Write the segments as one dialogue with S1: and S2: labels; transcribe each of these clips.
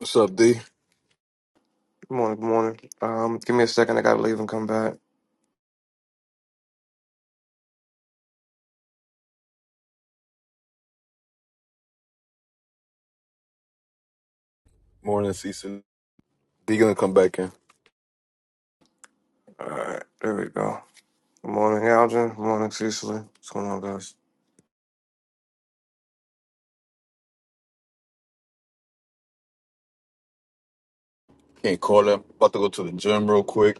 S1: What's up, D?
S2: Good morning, good morning. Um, give me a second, I gotta leave and come back.
S1: Morning, Cecil. D gonna come back in.
S2: Alright, there we go. Good morning, Algin. Good morning, Cecily. What's going on, guys?
S1: Can't call him. About to go to the gym real quick.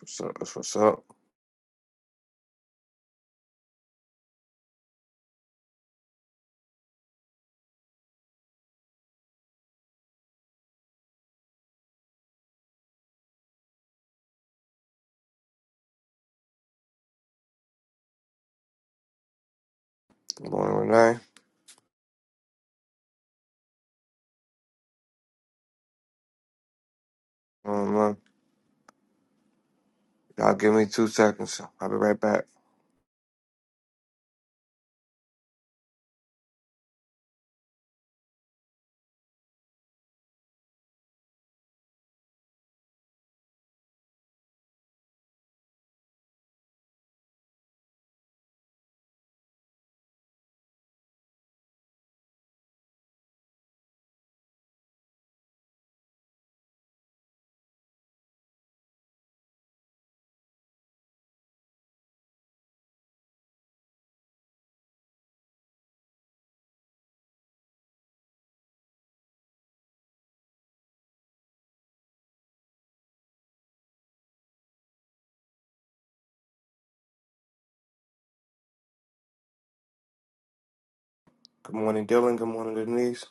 S2: What's up? What's, what's up? Good morning, Renee. Good morning, Lon. Y'all give me two seconds. so I'll be right back. Good morning, Dylan. Good morning, Denise.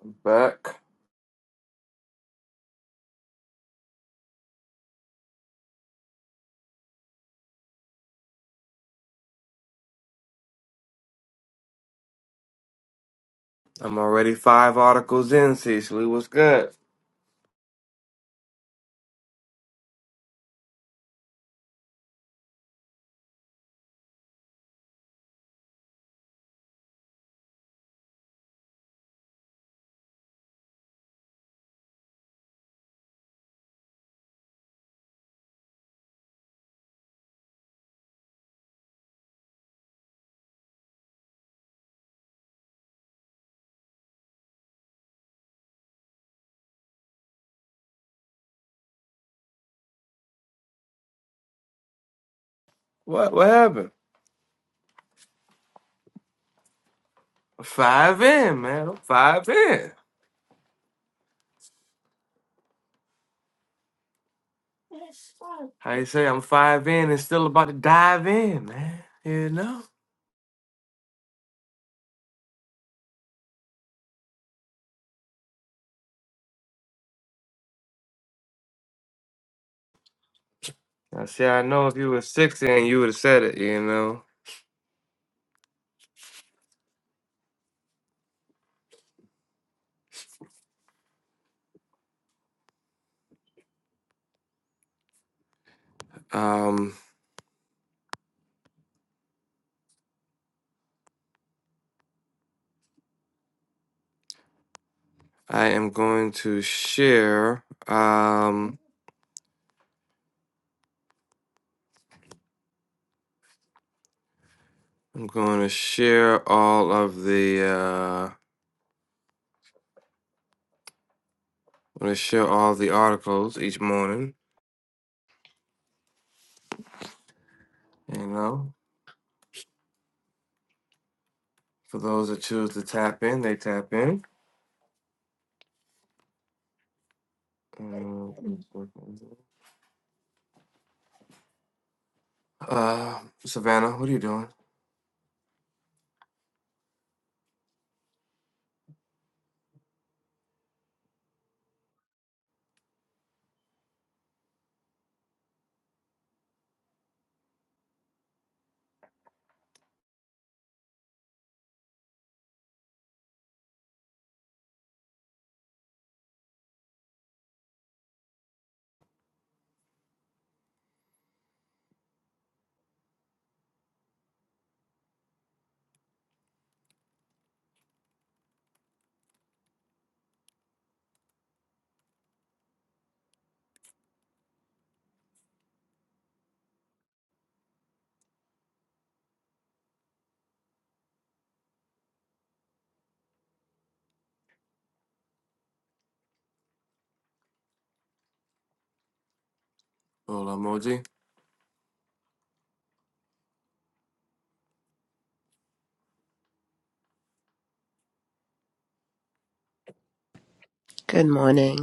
S2: I'm back. I'm already five articles in, Cecily. What's good? What what happened? Five in, man. I'm five in. How you say I'm five in and still about to dive in, man. You know? I see, I know if you were 60 and you would have said it, you know. Um, I am going to share. Um, I'm going to share all of the. Uh, I'm going to share all the articles each morning. You know, for those that choose to tap in, they tap in. Um, Uh, Savannah, what are you doing? Little emoji.
S3: Good morning.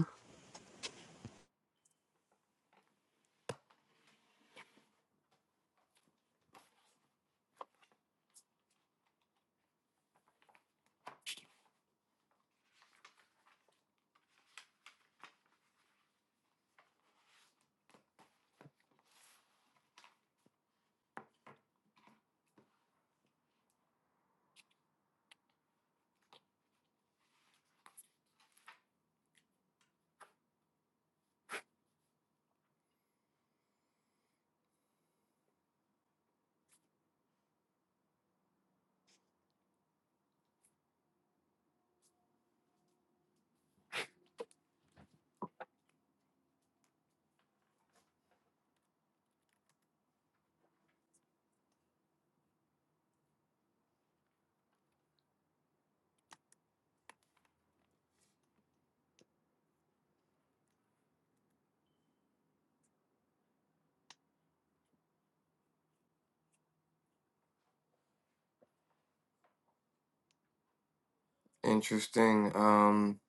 S2: Interesting. Um,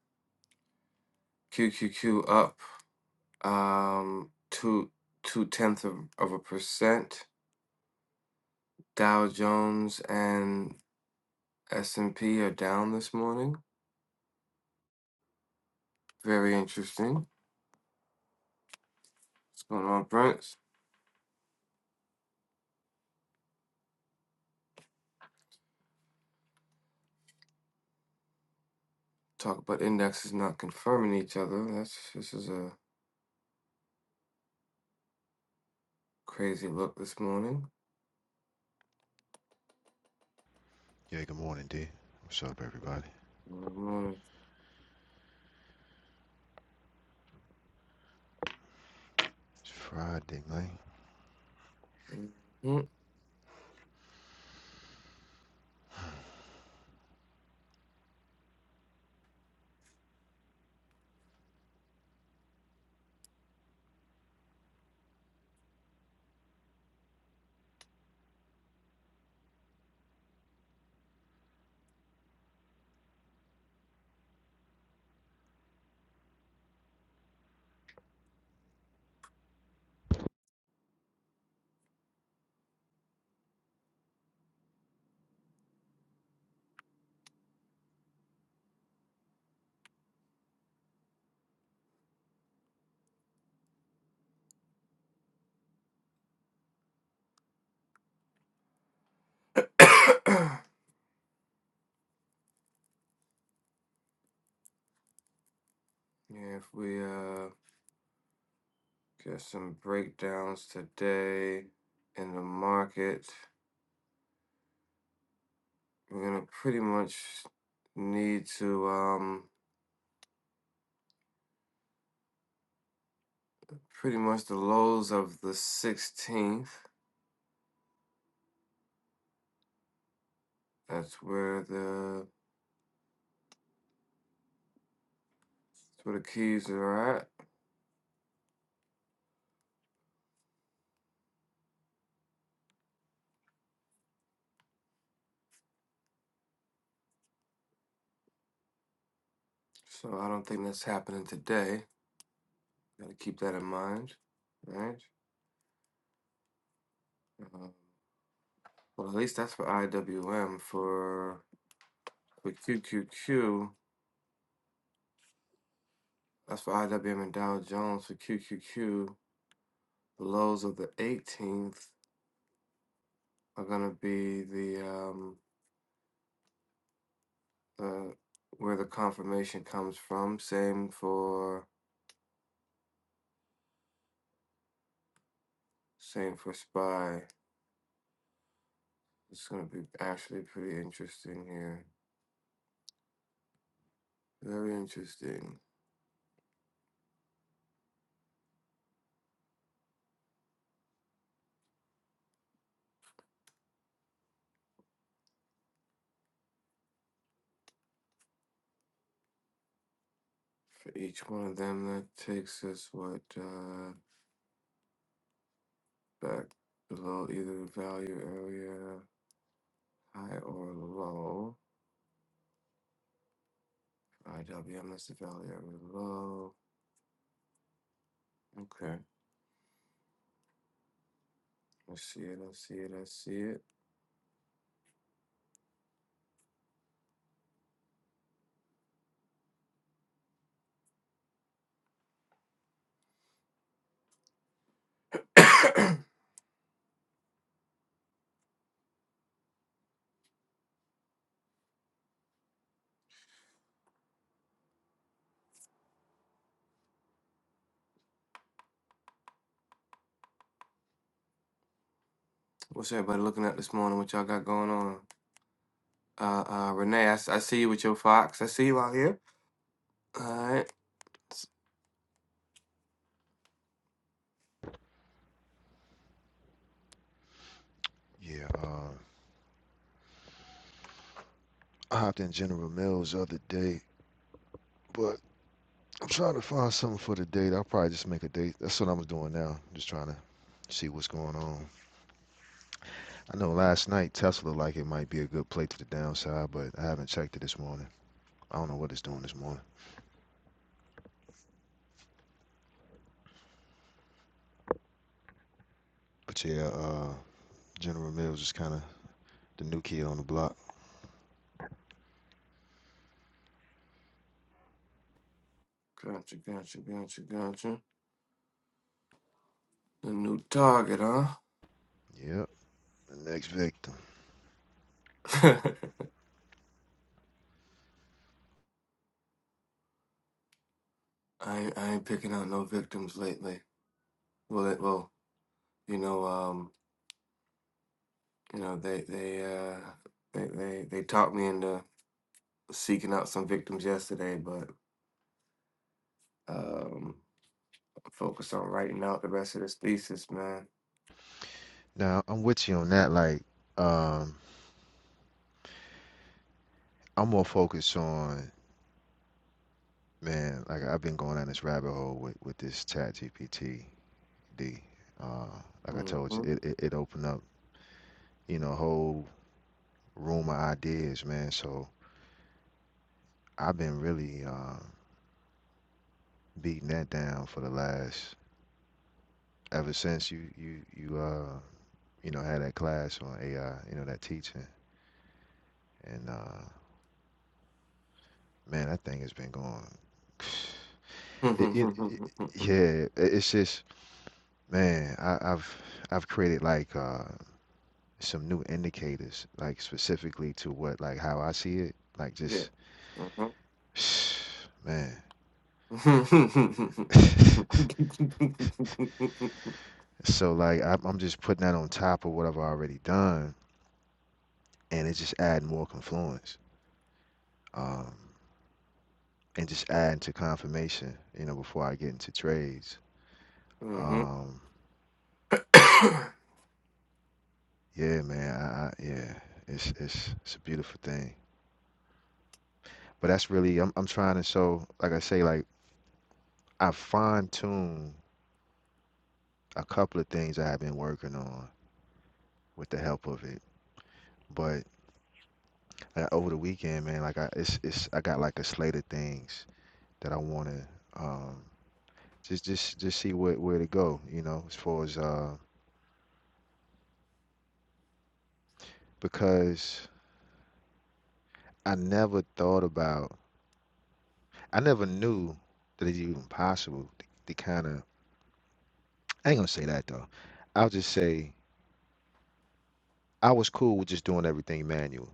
S2: Q Q Q up. Um, two two tenths of, of a percent. Dow Jones and S&P are down this morning. Very interesting. What's going on, Prince? Talk about indexes not confirming each other. That's this is a crazy look this morning.
S4: Yeah, good morning, D. What's up, everybody?
S2: Good morning.
S4: It's Friday night.
S2: hmm yeah, if we uh get some breakdowns today in the market, we're gonna pretty much need to um pretty much the lows of the 16th. That's where the That's where the keys are at. So I don't think that's happening today. Got to keep that in mind, right? Um, well, at least that's for IWM. For for QQQ, that's for IWM and Dow Jones. For QQQ, the lows of the 18th are going to be the um, the where the confirmation comes from. Same for same for SPY. It's going to be actually pretty interesting here. Very interesting. each one of them that takes us what uh, back below either the value area high or low. IW unless the value area low. Okay. I see it, I see it, I see it. What's everybody looking at this morning? What y'all got going on? Uh uh Renee, I, s- I see you with your fox. I see you out here. Alright.
S4: Yeah, um, I hopped in General Mills the other day, but I'm trying to find something for the date. I'll probably just make a date. That's what I'm doing now. Just trying to see what's going on. I know last night Tesla looked like it might be a good play to the downside, but I haven't checked it this morning. I don't know what it's doing this morning. But yeah, uh, General Mills is kind of the new kid on the block.
S2: Gotcha, gotcha, gotcha, gotcha. The new target, huh?
S4: Yep, the next victim.
S2: I ain't- I ain't picking out no victims lately. Well it well, you know, um. You know, they they uh they they, they talked me into seeking out some victims yesterday, but um focus on writing out the rest of this thesis, man.
S4: Now I'm with you on that. Like, um, I'm more focused on Man, like I've been going down this rabbit hole with, with this chat GPT D. Uh, like I told you,
S2: hmm
S4: it, it, it opened up, you know, a whole room of ideas, man. So I've been really uh, beating that down for the last ever since you you you uh you know had that class on AI, you know, that teaching. And uh man, that thing has been going it, it, it yeah, it- it's just man, I, I've I've created like uh some new indicators, like specifically to what, like how I see it, like
S2: yeah.
S4: just,
S2: hmm
S4: man. so like I'm, I'm just putting that on top of what I've already done, and it's just adding more confluence, um, and just adding to confirmation, you know, before I get into trades.
S2: hmm
S4: Um, yeah, man, I, I, yeah, it's it's it's a beautiful thing. But that's really I'm I'm trying to so like I say like I fine tune a couple of things I have been working on with the help of it But uh, over the weekend, man, like I it's it's I got like a slate of things that I want to um just just just see where where to go, you know, as far as uh because I never thought about I never knew that it's even possible to, to kind of I ain't gonna say that though. I'll just say I was cool with just doing everything manual.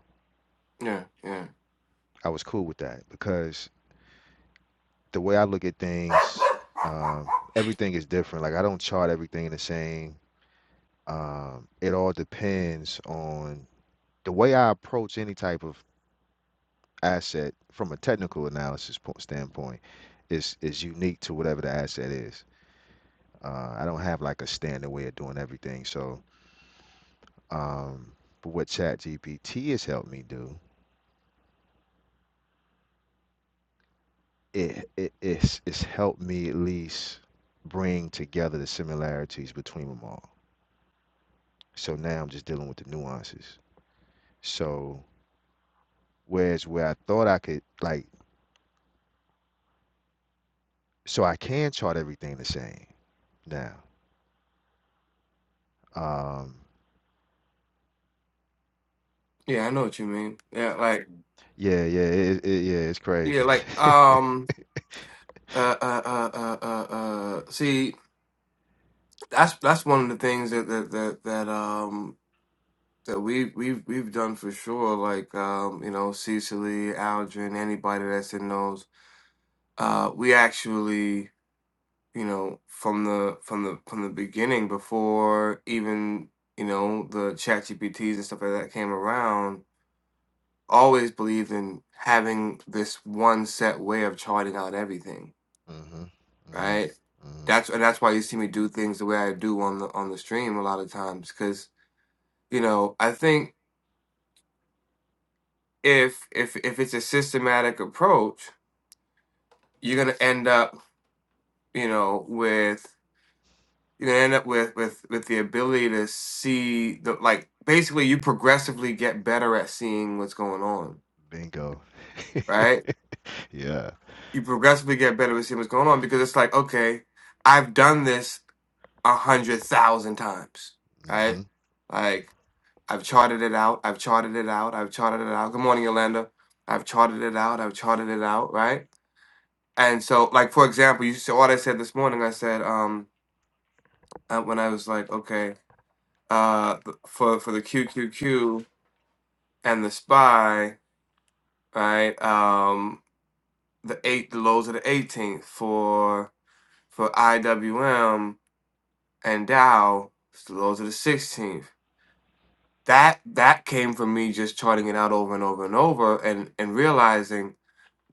S2: yeah, yeah.
S4: I was cool with that because the way I look at things, um, everything is different. Like I don't chart everything the same. Um, it all depends on the way I approach any type of asset from a technical analysis po- standpoint is is unique to whatever the asset is. Uh, I don't have like a standard way of doing everything. So, um, but what ChatGPT has helped me do, it, it it's it's helped me at least bring together the similarities between them all. So now I'm just dealing with the nuances. So whereas where I thought I could like, so I can chart everything the same Now, um,
S2: Yeah, I know what you mean. Yeah, like
S4: yeah, yeah, it, it, yeah, it's
S2: yeah,
S4: crazy.
S2: like um uh uh uh uh uh, uh see that's that's one of the things that that that, that um that we've we've we've done for sure, like um, you know, Cecily, Aldrin, anybody that's in those. Uh we actually, you know, from the from the from the beginning before even, you know, the chat GPTs and stuff like that came around, always believed in having this one set way of charting out everything,
S4: hmm hmm
S2: right?
S4: hmm
S2: That's and that's why you see me do things the way I do on the on the stream a lot of times, because you know, I think if if if it's a systematic approach, you're gonna end up, you know, with you're gonna end up with with with the ability to see the like basically you progressively get better at seeing what's going on,
S4: Bingo.
S2: right?
S4: Yeah.
S2: You progressively get better at seeing what's going on because it's like, okay, I've done this a hundred thousand times,
S4: hmm
S2: right?
S4: hmm
S2: Like I've charted it out, I've charted it out, I've charted it out. Good morning, Yolanda. I've charted it out, I've charted it out, right? And so, like for example, you saw what I said this morning. I said um, uh, when I was like, okay, uh, th- for for the QQQ and the spy, right? Um, the eight, the lows of the eighteenth for for IWM and Dow, it's the lows of the sixteenth. That that came from me just charting it out over and over and over, and and realizing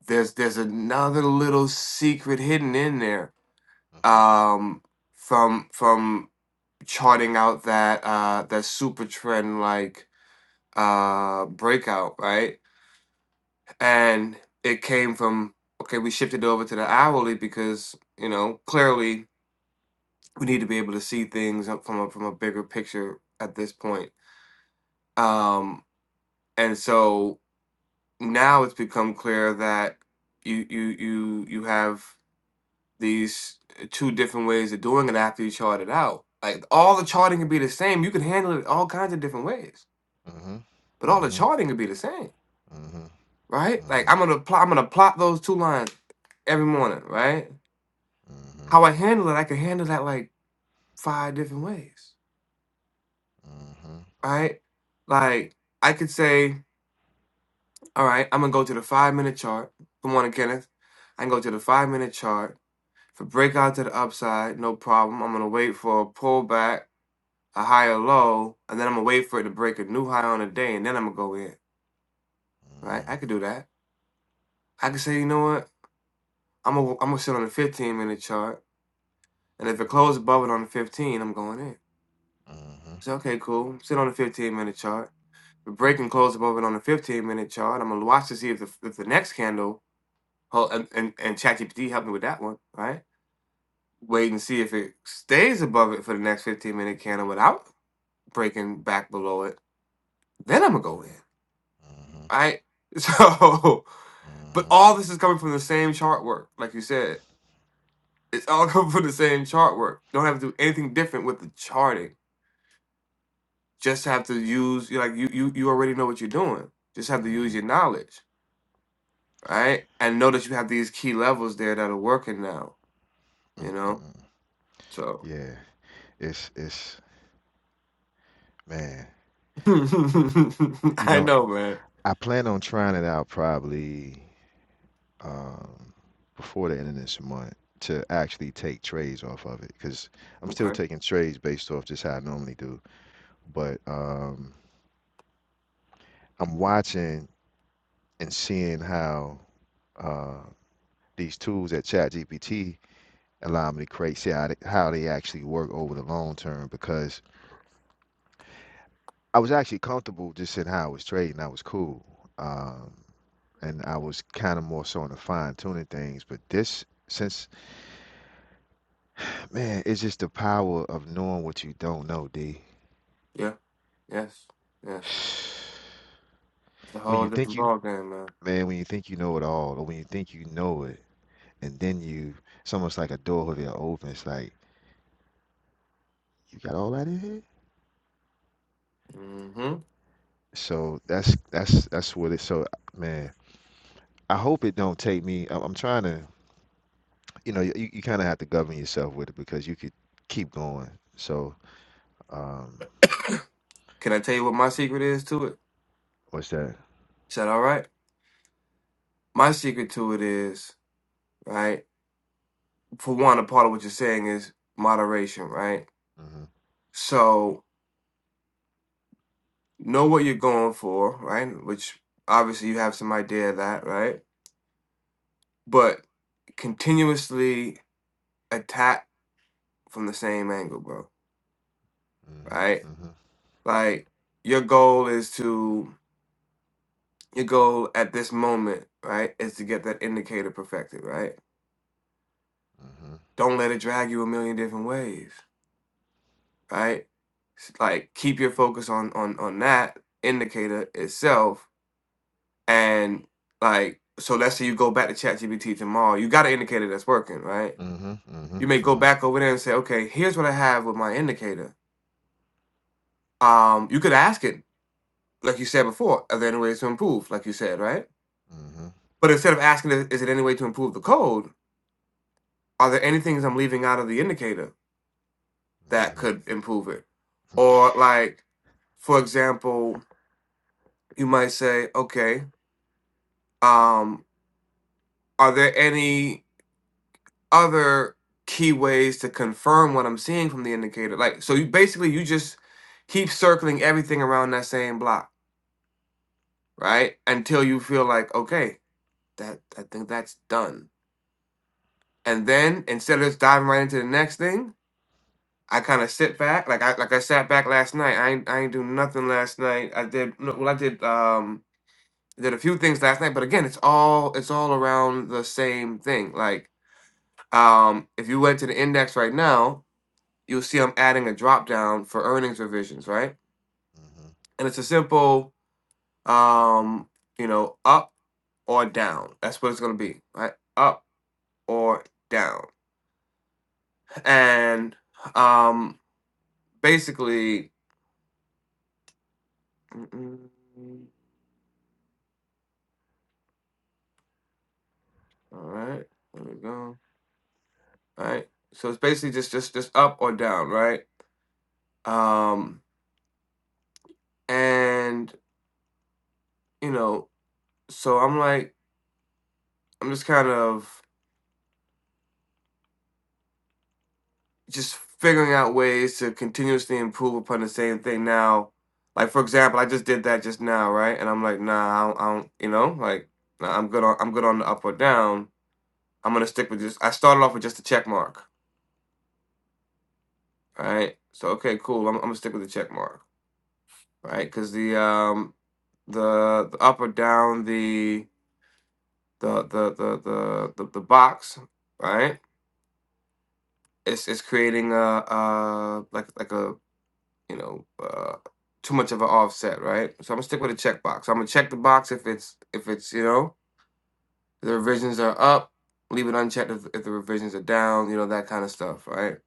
S2: there's there's another little secret hidden in there.
S4: hmm
S2: Um, from from charting out that uh that super trend like uh breakout, right? And it came from okay, we shifted over to the hourly because, you know, clearly we need to be able to see things up from a from a bigger picture at this point. Um and so now it's become clear that you you you you have these two different ways of doing it after you chart it out. Like all the charting can be the same. You can handle it all kinds of different ways
S4: hmm
S2: but all the
S4: hmm
S2: charting could be the same,
S4: hmm hmm hmm
S2: right? Like
S4: hmm
S2: I'm gonna plot, I'm gonna plot those two lines every morning, right? How I handle it, I could handle that like five different ways,
S4: hmm
S2: right? Like I could say, all right, I'm gonna go to the five minute chart. Good morning, Kenneth. I can go to the five minute chart. If a breakout to the upside, no problem. I'm gonna wait for a pullback, a higher low, and then I'm gonna wait for it to break a new high on the day, and then I'm gonna go in, right?
S4: hmm
S2: I could do that. I could say, you know what? I'm gonna I'm gonna sit on the 15 minute chart. And if it closed above it on the 15, I'm going in.
S4: mm
S2: So, okay, cool. Sit on the 15 minute chart. If it break and close above it on the 15 minute chart, I'm going to watch to see if the, if the next candle, hol- and, and, and ChatGPT helped me with that one, right? Wait and see if it stays above it for the next 15 minute candle without breaking back below it. Then I'm going to go in, right? So, but all this is coming from the same chart work, like you said. It's all coming from the same chart work. Don't have to do anything different with the charting Just have to use you like you you you already know what you're doing. Just have to use your
S4: mm
S2: knowledge, right? And know that you have these key levels there that are working now. You know,
S4: mhm,
S2: so
S4: Yeah, it's it's man. You
S2: I
S4: know,
S2: know, man.
S4: I plan on trying it out probably. um, before the end of this month to actually take trades off of it because I'm still
S2: Okay.
S4: taking trades based off just how I normally do. But um, I'm watching and seeing how uh, these tools at ChatGPT allow me to create, see how they, how they actually work over the long term because I was actually comfortable just in how I was trading. I was cool. Um, and I was kind of more so on the fine tuning things. But this, since Man, it's just the power of knowing what you don't know, D.
S2: Yeah. Yes. Yes. It's a
S4: When you
S2: whole different
S4: think you,
S2: ball game, man.
S4: man, when you think you know it all, or when you think you know it, and then you, it's almost like a door that opens. It's Like you got all that in here.
S2: hmm
S4: So that's that's that's what it. So man, I hope it don't take me. I'm, I'm trying to, you know, you, you kind of have to govern yourself with it because you could keep going. So um,
S2: Can I tell you what my secret is to it?
S4: what's that?
S2: Is that all right? My secret to it is right. For one, a part of what you're saying is moderation, right?
S4: Mm-hmm.
S2: So know what you're going for, right? Which obviously you have some idea of that, right? But continuously attack from the same angle, bro, right?
S4: Mm-hmm. Mm-hmm.
S2: Like your goal is to your goal at this moment, right, is to get that indicator perfected, right? Don't let it drag you a million different ways, right? S- Like keep your focus on on on that indicator itself and like so let's say you go back to ChatGPT tomorrow, you got an indicator that's working, right?
S4: Mm-hmm. Mm-hmm.
S2: You may
S4: Mm-hmm. Mm-hmm.
S2: go back over there and say, okay, here's what I have with my indicator. Um, you could ask it, like you said before, are there any ways to improve, like you said, right? But instead of asking, "Is it any way to improve the code? Are there any things I'm leaving out of the indicator that
S4: Mm-hmm.
S2: could improve it? Or like, for example, you might say, okay, um, are there any other key ways to confirm what I'm seeing from the indicator? Like, so you basically you just keep circling everything around that same block right? Until you feel like, okay, that I think that's done. And then instead of just diving right into the next thing, I kind of sit back, like I like I sat back last night. I ain't, I ain't do nothing last night. I did no, well, I did um did a few things last night, but again, it's all it's all around the same thing. Like um, if you went to the index right now, you'll see I'm adding a drop down for earnings revisions, right?
S4: Mm-hmm.
S2: And it's a simple um, you know, up or down. That's what it's gonna be, right? Up or down. And um, basically, all right, there we go. All right, so it's basically just just just up or down, right? Um, and you know, so I'm like, I'm just kind of just figuring out ways to continuously improve upon the same thing now. Like for example, I just did that just now, right? And I'm like, nah, I don't, I don't you know, like nah, I'm good on I'm good on the up or down. I'm gonna stick with just. I started off with just a check mark All right. So okay, cool. I'm, I'm gonna stick with the check mark. All right, because the um the, the up or down the the the the the the, the box, right? It's it's creating a uh like like a you know uh too much of an offset, right? So I'm gonna stick with a check box. I'm gonna check the box if it's if it's you know the revisions are up, leave it unchecked if, if the revisions are down, you know that kind of stuff, right?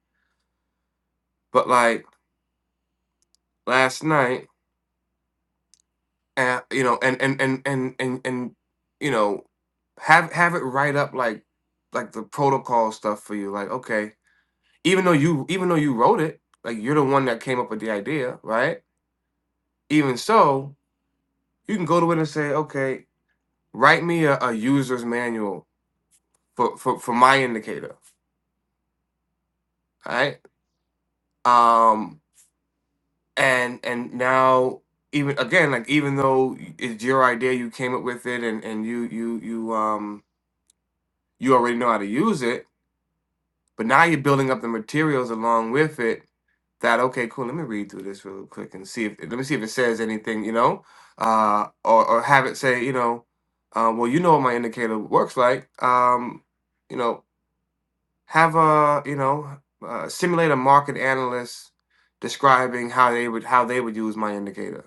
S2: But like last night. uh, you know, and and and and and and you know, have have it write up like like the protocol stuff for you. Like, okay, even though you even though you wrote it, like you're the one that came up with the idea, right? Even so, you can go to it and say, okay, write me a, a user's manual for for for my indicator, right? Um, and and now even again like even though it's your idea you came up with it and and you you you um you already know how to use it But now you're building up the materials along with it that okay, cool, let me read through this real quick and see if let me see if it says anything, you know? Uh or or have it say, you know, uh, well you know what my indicator works like. Um, you know, have a you know, uh, simulate a market analyst describing how they would how they would use my indicator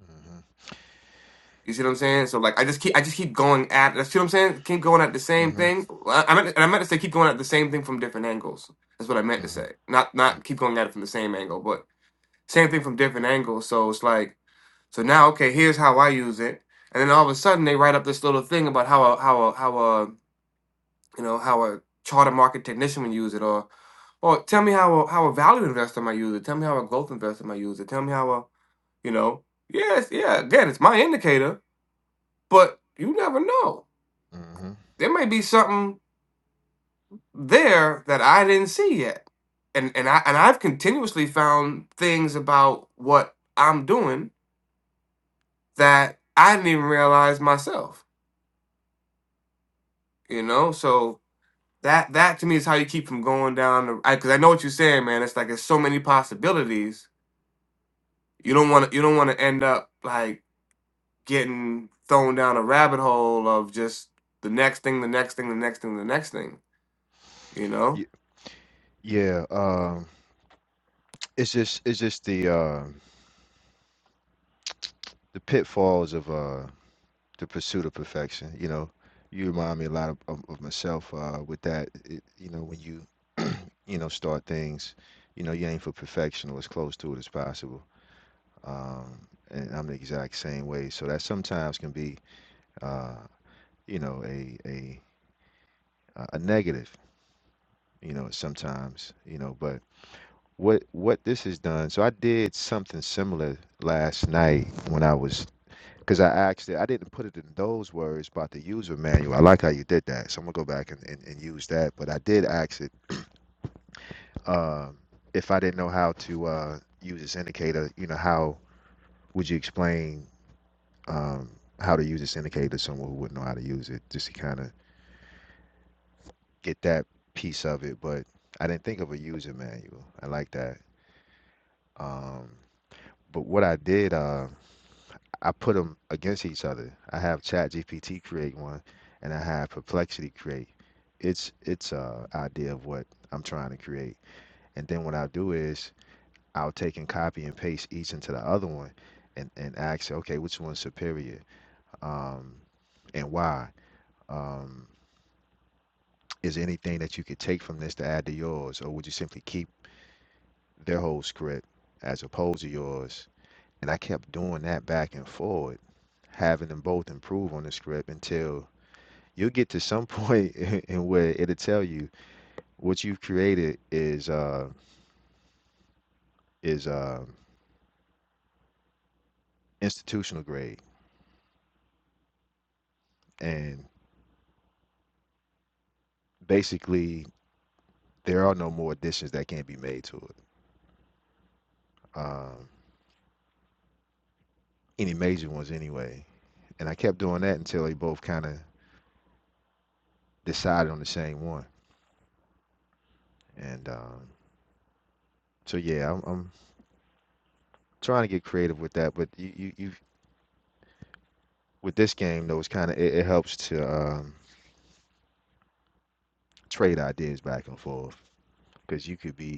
S4: Mhm,
S2: You see what I'm saying? So like, I just keep I just keep going at. That's what I'm saying. Keep going at the same
S4: mhm,
S2: thing. I, I meant and I meant to say keep going at the same thing from different angles. That's what I meant to
S4: mhm,
S2: say. Not not keep going at it from the same angle, but same thing from different angles. So it's like so now okay, here's how I use it, and then all of a sudden they write up this little thing about how a how a how a you know how a charter market technician would use it, or or tell me how a how a value investor might use it. Tell me how a growth investor might use it. Tell me how a you know yes yeah again it's my indicator, but you never know.
S4: mm, mhm.
S2: There may be something there that I didn't see yet. And and I and I've continuously found things about what I'm doing that I didn't even realize myself. You know? So that that to me is how you keep from going down the Because I, cause I know what you're saying, man. It's like there's so many possibilities. You don't wanna you don't wanna end up like getting thrown down a rabbit hole of just the next thing, the next thing, the next thing, the next thing. You know?
S4: Y- Yeah, um, it's just it's just the uh, the pitfalls of uh, the pursuit of perfection. You know, you remind me a lot of, of, of myself uh, with that. It, you know, when you you know start things, you know, you aim for perfection or as close to it as possible. Um, and I'm the exact same way, so that sometimes can be uh, you know a a a a negative. You know, sometimes you know, but what what this has done. So I did something similar last night when I was because I asked it. I didn't put it in those words about the user manual. I like how you did that, so I'm gonna go back and, and, and use that. But I did ask it um, if I didn't know how to uh, use this indicator. You know, how would you explain um, how to use this indicator to someone who wouldn't know how to use it, just to kind of get that piece of it. But I didn't think of a user manual. I like that. Um, but what I did. Uh, I put them against each other. I have ChatGPT create one, and I have Perplexity create its its uh, idea of what I'm trying to create. And then what I'll do is I'll take and copy and paste each into the other one, and and ask, okay, which one's superior, um, and why? Um, is there anything that you could take from this to add to yours, or would you simply keep their whole script as opposed to yours? And I kept doing that back and forward, having them both improve on the script until you'll get to some point in where it'll tell you what you've created is uh, is uh, institutional grade, and basically there are no more additions that can't be made to it, um, any major ones anyway. And I kept doing that until they both kind of decided on the same one. And um, so yeah, I'm, I'm trying to get creative with that, but you you, you with this game though, it's kind of it, it helps to um, trade ideas back and forth because you could be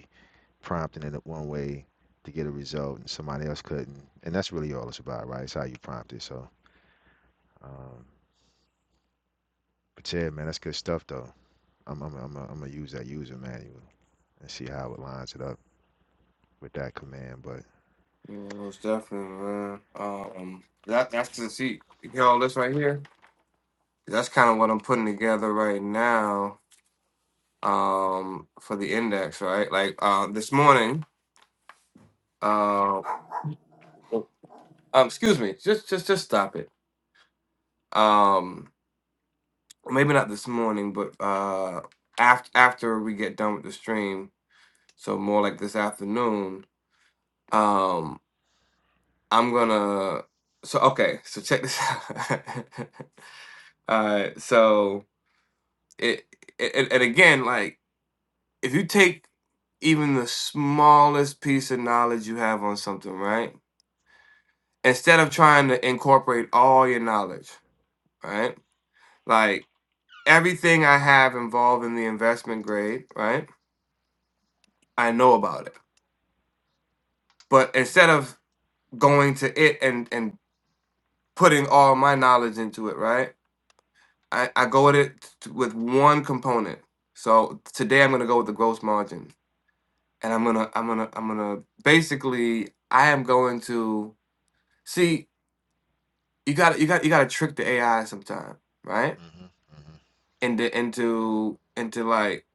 S4: prompting it one way to get a result and somebody else couldn't. And that's really all it's about, right? It's how you prompt it. So, um, but yeah, man, that's good stuff though. I'm I'm I'm I'm gonna use that user manual and see how it lines it up with that command. But
S2: Yeah, most definitely, man. Um, that that's the see. You hear all this right here? That's kind of what I'm putting together right now. Um, for the index, right? Like, uh, this morning. Uh, um, excuse me. Just, just, just stop it. Um, maybe not this morning, but uh, after after we get done with the stream, so more like this afternoon. Um, I'm gonna. So okay. So check this out. All right. So. it, and, and again, like if you take even the smallest piece of knowledge you have on something, right? Instead of trying to incorporate all your knowledge, right? Like everything I have involved in the investment grade, right? I know about it. But instead of going to it and and putting all my knowledge into it, right? I, I go at it t- with one component. So today I'm going to go with the gross margin and I'm gonna I'm gonna I'm gonna basically I am going to see you got you got you got to trick the AI sometime, right?
S4: Mhm, mhm, mhm,
S2: Into into into like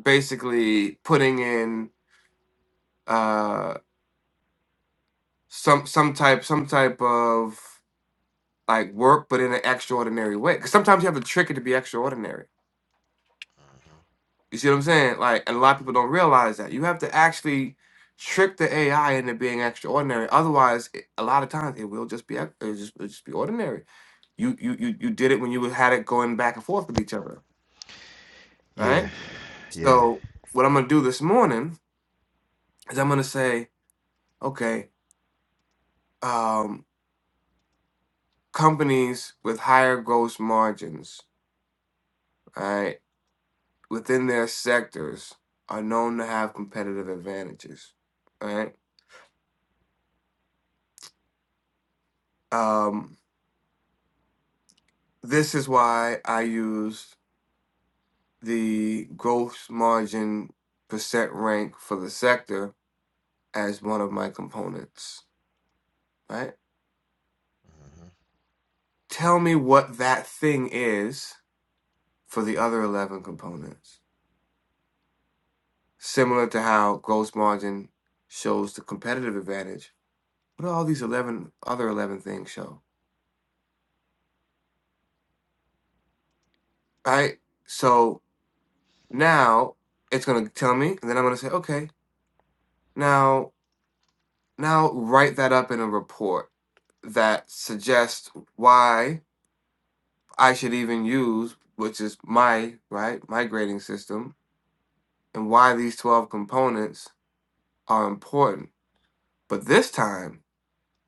S2: basically putting in uh some some type some type of like work, but in an extraordinary way. Because sometimes you have to trick it to be extraordinary.
S4: mhm,
S2: You see what I'm saying? Like, and a lot of
S4: mhm.
S2: people don't realize that you have to actually trick the AI into being extraordinary. Otherwise, it, a lot of times it will just be ex- it'll just, it'll just be ordinary You you you you did it when you had it going back and forth with each other,
S4: yeah,
S2: right?
S4: yeah.
S2: So what I'm gonna do this morning is I'm gonna say, okay, um, companies with higher gross margins, all right, within their sectors are known to have competitive advantages, all right? Um, this is why I used the gross margin percent rank for the sector as one of my components, right?
S4: Mhm,
S2: Tell me what that thing is for the other 11 components. Similar to how gross margin shows the competitive advantage, what do all these 11 other 11 things show? Right? So now it's going to tell me, and then I'm going to say, okay, now, now write that up in a report that suggests why I should even use, which is my, right, my grading system, and why these 12 components are important But this time,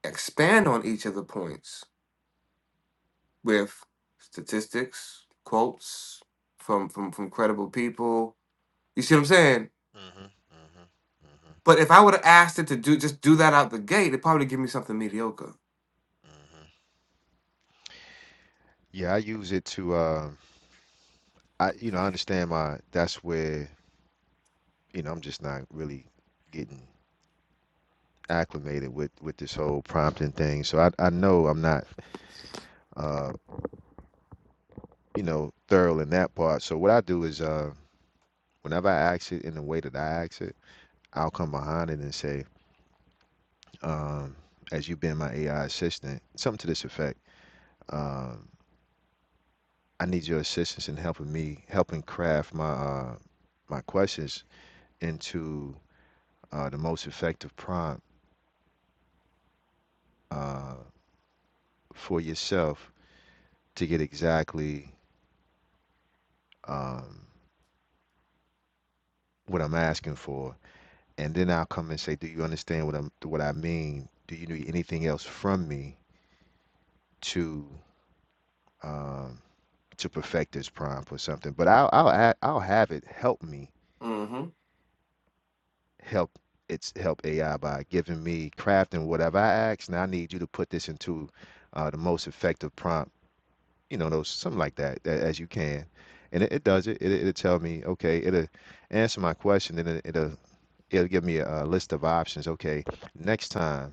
S2: expand on each of the points with statistics, quotes from from from credible people. You see what I'm saying?
S4: mhm, mhm, mhm,
S2: But if I would have asked it to do just do that out the gate, it'd probably give me something mediocre.
S4: mhm. Yeah, I use it to, uh, I, you know, I understand my, that's where, you know, I'm just not really getting acclimated with with this whole prompting thing. So I I know I'm not uh you know thorough in that part. So what I do is uh whenever I ask it in the way that I ask it, I'll come behind it and say, um, as you've been my AI assistant, something to this effect. Um, I need your assistance in helping me helping craft my uh my questions into uh, the most effective prompt uh for yourself to get exactly um what I'm asking for and then I'll come and say, "Do you understand what I'm, what I mean? Do you need anything else from me to um, to perfect this prompt or something?" But I'll I'll add, I'll have it help me
S2: Mm-hmm.
S4: help it's help AI by giving me crafting whatever I ask. Now I need you to put this into uh, the most effective prompt, you know, those something like that, a- as you can, and it, it does it. it. It'll tell me, okay, it'll answer my question, and it, it'll it'll give me a, a list of options. Okay, next time.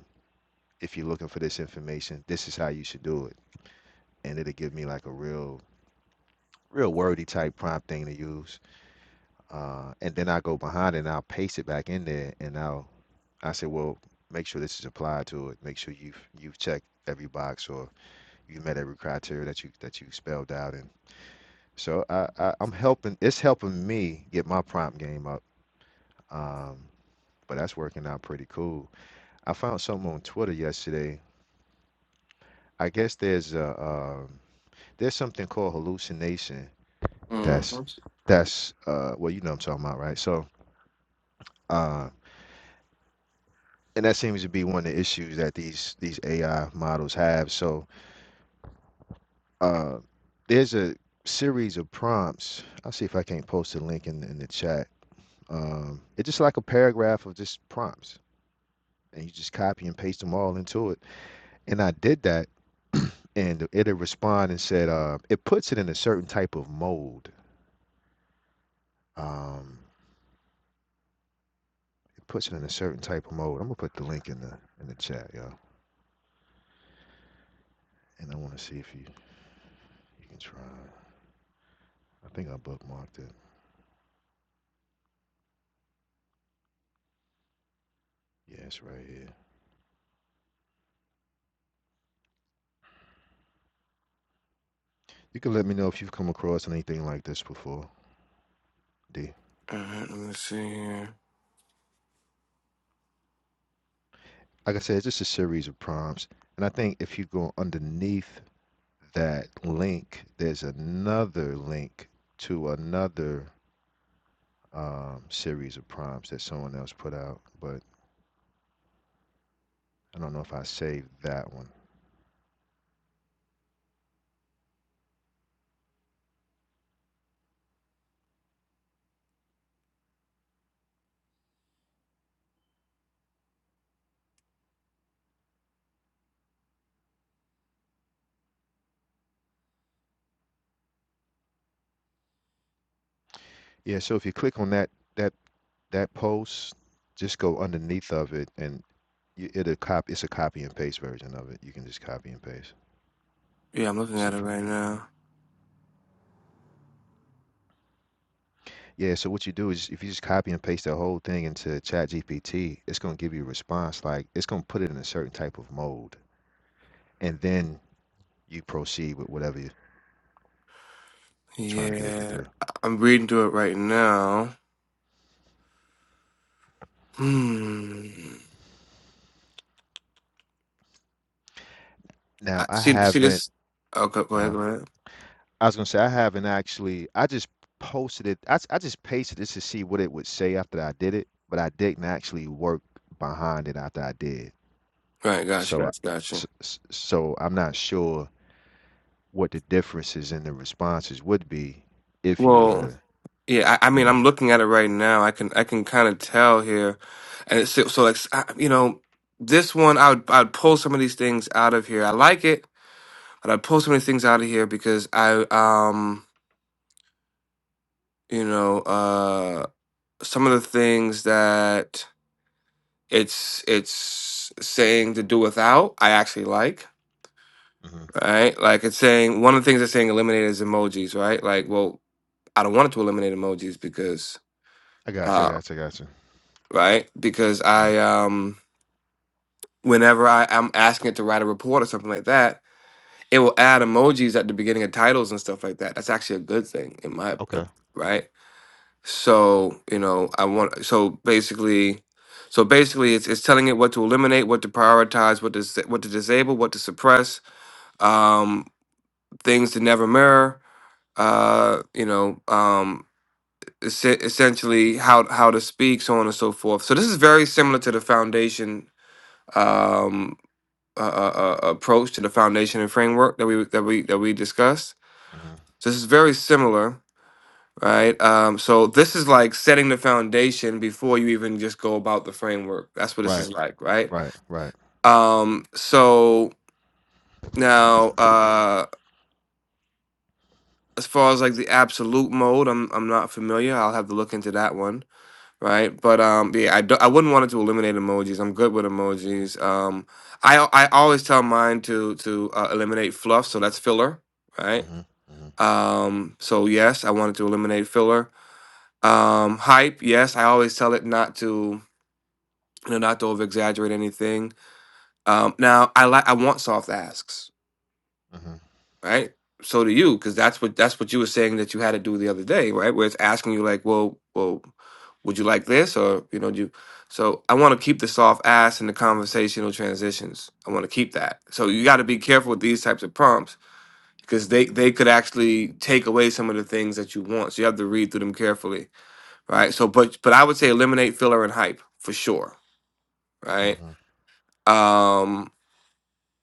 S4: if you're looking for this information, this is how you should do it. And it'll give me like a real, real wordy type prompt thing to use. Uh, and then I go behind it and I'll paste it back in there. And I'll, I say, well, make sure this is applied to it. Make sure you've, you've checked every box or you met every criteria that you, that you spelled out. And so I, I I'm helping, it's helping me get my prompt game up. Um, but that's working out pretty cool. I found something on Twitter yesterday. I guess there's a, um there's something called hallucination
S2: Mm-hmm.
S4: that's
S2: All
S4: that's uh well you know what I'm talking about right so uh and that seems to be one of the issues that these these AI models have so uh there's a series of prompts I'll see if I can't post a link in in the chat um it's just like a paragraph of just prompts and you just copy and paste them all into it and I did that and it'll respond and said uh it puts it in a certain type of mode um it puts it in a certain type of mode. I'm gonna put the link in the in the chat, y'all, and I want to see if you you can try. I think I bookmarked it. Yeah, it's right here. You can let me know if you've come across anything like this before, D.
S2: right, let me see here.
S4: Like I said, it's just a series of prompts, and I think if you go underneath that link, there's another link to another um, series of prompts that someone else put out, but I don't know if I saved that one. Yeah, so if you click on that that that post, just go underneath of it and you, it'll copy. It's a copy and paste version of it. You can just copy and paste.
S2: Yeah, I'm looking
S4: So
S2: at it
S4: for,
S2: right now.
S4: yeah, so what you do is if you just copy and paste the whole thing into Chat GPT, it's gonna give you a response. Like it's gonna put it in a certain type of mode, and then you proceed with whatever you, you're trying to get it to
S2: Yeah,
S4: do.
S2: I- I'm reading through it right now. Hmm.
S4: Now
S2: I,
S4: I
S2: see, see
S4: haven't.
S2: this. Okay, go ahead,
S4: Uh,
S2: go ahead.
S4: I was gonna say I haven't actually. I just posted it. I, s- I just pasted this to see what it would say after I did it, but I didn't actually work behind it after I did.
S2: Right, gotcha,
S4: So, I,
S2: gotcha, gotcha.
S4: s- s- so I'm not sure what the differences in the responses would be if you were
S2: Well.
S4: to,
S2: Yeah, I, I
S4: you
S2: mean, I'm
S4: know.
S2: looking at it right now. I can I can kind of tell here, and it's so, so like s- I- you know, this one I would I'd pull some of these things out of here. I like it, but I'd pull some of these things out of here because I um you know uh some of the things that it's it's saying to do without I actually like
S4: hmm
S2: right like it's saying one of the things it's saying eliminate is emojis right like well I don't want it to eliminate emojis because
S4: I got you. I
S2: uh
S4: got you. I got you.
S2: right because
S4: Right.
S2: I um. whenever I, I'm asking it to write a report or something like that, it will add emojis at the beginning of titles and stuff like that. That's actually a good thing in my uh,
S4: Okay.
S2: right. So you know, I want so basically, so basically, it's it's telling it what to eliminate, what to prioritize, what to s- what to disable, what to suppress, um, things to never mirror. Uh, you know, um, es- essentially how how to speak, so on and so forth. So this is very similar to the foundation Um, uh, uh, uh, approach to the foundation and framework that we that we that we discussed.
S4: hmm
S2: So this is very similar, right? Um, so this is like setting the foundation before you even just go about the framework. That's what this
S4: Right.
S2: is like, right?
S4: Right. Right.
S2: Um, so now, uh, as far as like the absolute mode, I'm I'm not familiar. I'll have to look into that one, right? But um, yeah, I do, I wouldn't want it to eliminate emojis. I'm good with emojis. Um, I I always tell mine to to uh, eliminate fluff, so that's filler, right?
S4: hmm hmm
S2: Um, so yes, I wanted to eliminate filler. Um, hype, yes, I always tell it not to, you know, not to over exaggerate anything. Um, now I like I want soft asks,
S4: hmm
S2: right? So do you, because that's what that's what you were saying that you had to do the other day, right? Where it's asking you like, well, well, would you like this or you know, do you so I want to keep the soft ass and the conversational transitions. I want to keep that. So you got to be careful with these types of prompts because they they could actually take away some of the things that you want. So you have to read through them carefully, right? So, but but I would say eliminate filler and hype for sure, right?
S4: hmm
S2: Um,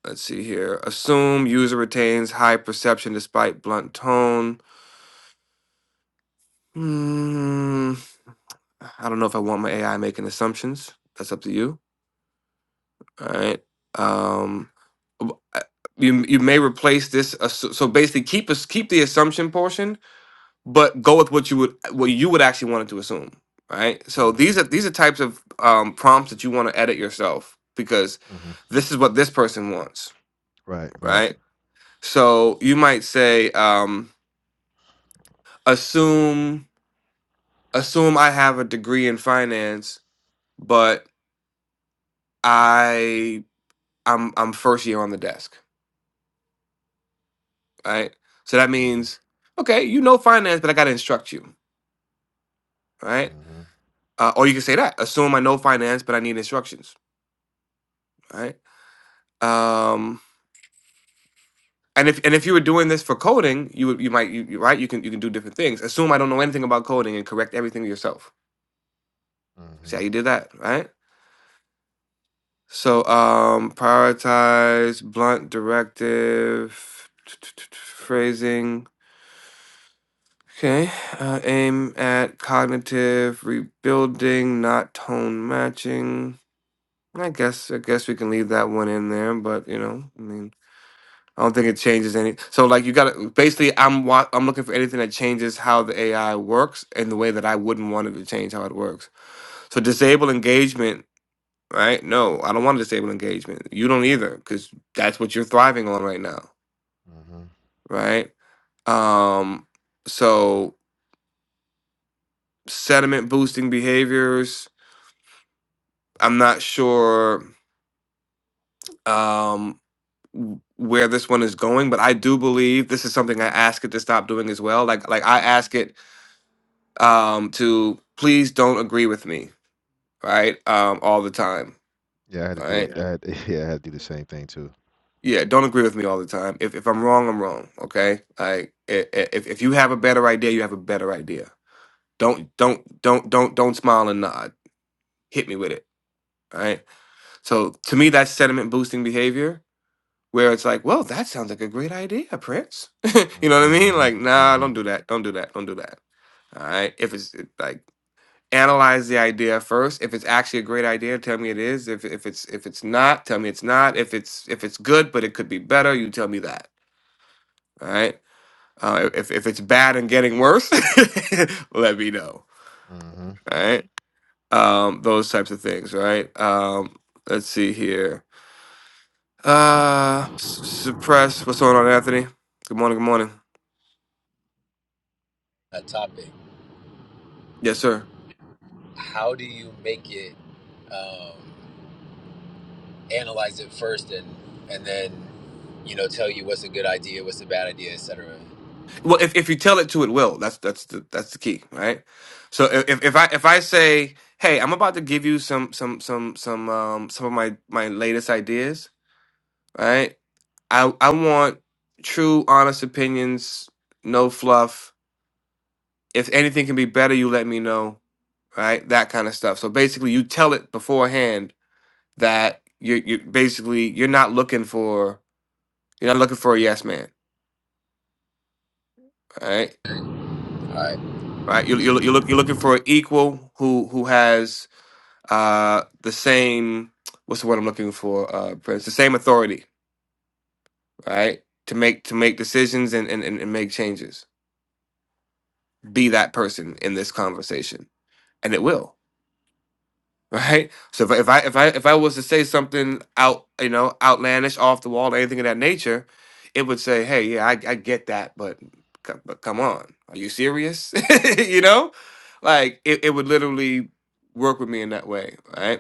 S2: let's see here. Assume user retains high perception despite blunt tone. Hmm, I don't know if I want my AI making assumptions. That's up to you, all right? Um, w- I- you you may replace this. assu- So basically, keep us keep the assumption portion but go with what you would what you would actually want it to assume right so
S4: hmm
S2: these are these are types of um, prompts that you want to edit yourself because
S4: hmm
S2: this is what this person wants
S4: Right. Right.
S2: right so you might say um, assume assume i have a degree in finance but i i'm i'm first year on the desk right so that
S4: hmm
S2: means okay you know finance but i got to instruct you right
S4: hmm
S2: uh, or you can say that assume i know finance but i need instructions right um And if and if you were doing this for coding, you would you might you, you- right you can you can do different things. Assume I don't know anything about coding and correct everything yourself.
S4: hmm
S2: See how you did that, right? So um prioritize blunt directive phrasing. Okay, uh, aim at cognitive rebuilding, not tone matching. I guess I guess we can leave that one in there, but you know, I mean. I don't think it changes any. So like you got to basically I'm wa- I'm looking for anything that changes how the AI works in the way that I wouldn't want it to change how it works. So disable engagement, right? No, I don't want to disable engagement. You don't either cuz that's what you're thriving on right now,
S4: hmm
S2: right? Um so sentiment boosting behaviors, I'm not sure um w- where this one is going, but I do believe this is something I ask it to stop doing as well. Like like I ask it um, to please don't agree with me, right? Um, all the time,
S4: Yeah, I had to do
S2: right?
S4: it.
S2: Yeah,
S4: that. yeah, I had to do the same thing too.
S2: Yeah, don't agree with me all the time. If if I'm wrong, I'm wrong. Okay, like i- i- if if you have a better idea, you have a better idea. Don't don't don't don't don't smile and nod. Hit me with it, right? So to me, that's sentiment boosting behavior. Where it's like, well, that sounds like a great idea, Prince. you
S4: hmm
S2: know what I mean?
S4: hmm
S2: Like, nah,
S4: hmm
S2: don't do that. Don't do that. Don't do that. All right. If it's it- like analyze the idea first. If it's actually a great idea, tell me it is. If if it's if it's not, tell me it's not. If it's if it's good but it could be better, you tell me that. All right. Uh, if if it's bad and getting worse, let me know.
S4: hmm
S2: All right. Um, those types of things. Right. Um, let's see here. Uh, s- suppress. What's going on, Anthony? Good morning. Good morning.
S5: a topic,
S2: Yes, sir.
S5: how do you make it um, analyze it first and and then you know tell you what's a good idea, what's a bad idea, etc.
S2: Well, if, if you tell it to, it will. That's that's the that's the key, right? So if if I if I say, hey, I'm about to give you some some some some um some of my my latest ideas, right? I I want true, honest opinions, no fluff. If anything can be better, you let me know, right? That kind of stuff. So basically, you tell it beforehand that you you basically you're not looking for you're not looking for a yes man, right?
S5: All right.
S2: Right? You you you're look you're looking for an equal who who has uh, the same what's the word I'm looking for, uh, Prince? The same authority, right? To make to make decisions and, and, and and make changes. Be that person in this conversation. And it will. Right? So if I, if I if I if I was to say something out, you know, outlandish, off the wall, anything of that nature, it would say, Hey, yeah, I, I get that, but c- but come on. Are you serious? you know? Like it, it would literally work with me in that way, right?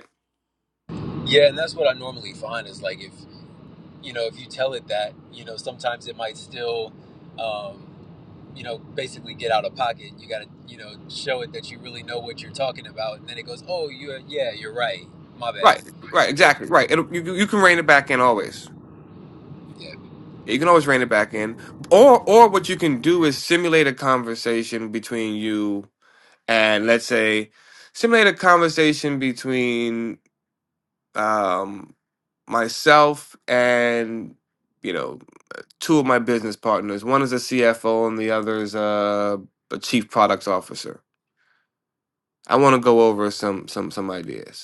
S5: Yeah, and that's what I normally find is like if you know if you tell it that you know sometimes it might still um, you know basically get out of pocket. You got to you know show it that you really know what you're talking about, and then it goes, oh you yeah you're right, my
S2: Right,
S5: bad.
S2: right,
S5: And,
S2: exactly, right. It'll, you you can rein it back in always.
S5: yeah.
S2: You can always rein it back in, or or what you can do is simulate a conversation between you and let's say simulate a conversation between um, myself and you know two of my business partners. One is a CFO and the other is a, a chief products officer. I want to go over some some some ideas.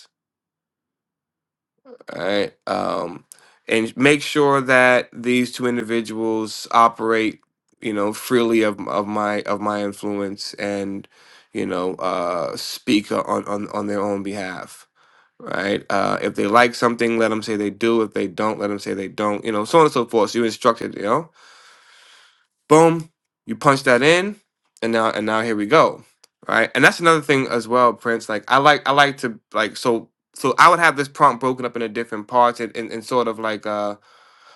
S2: All right. Um, and make sure that these two individuals operate, you know, freely of of my of my influence and, you know, uh, speak on on on their own behalf. Right. Uh, if they like something, let them say they do. If they don't, let them say they don't. You know, so on and so forth. So you instructed. You know boom, you punch that in, and now and now here we go, right? And that's another thing as well, Prince. Like I like I like to like so so I would have this prompt broken up into different parts and, and, and sort of like uh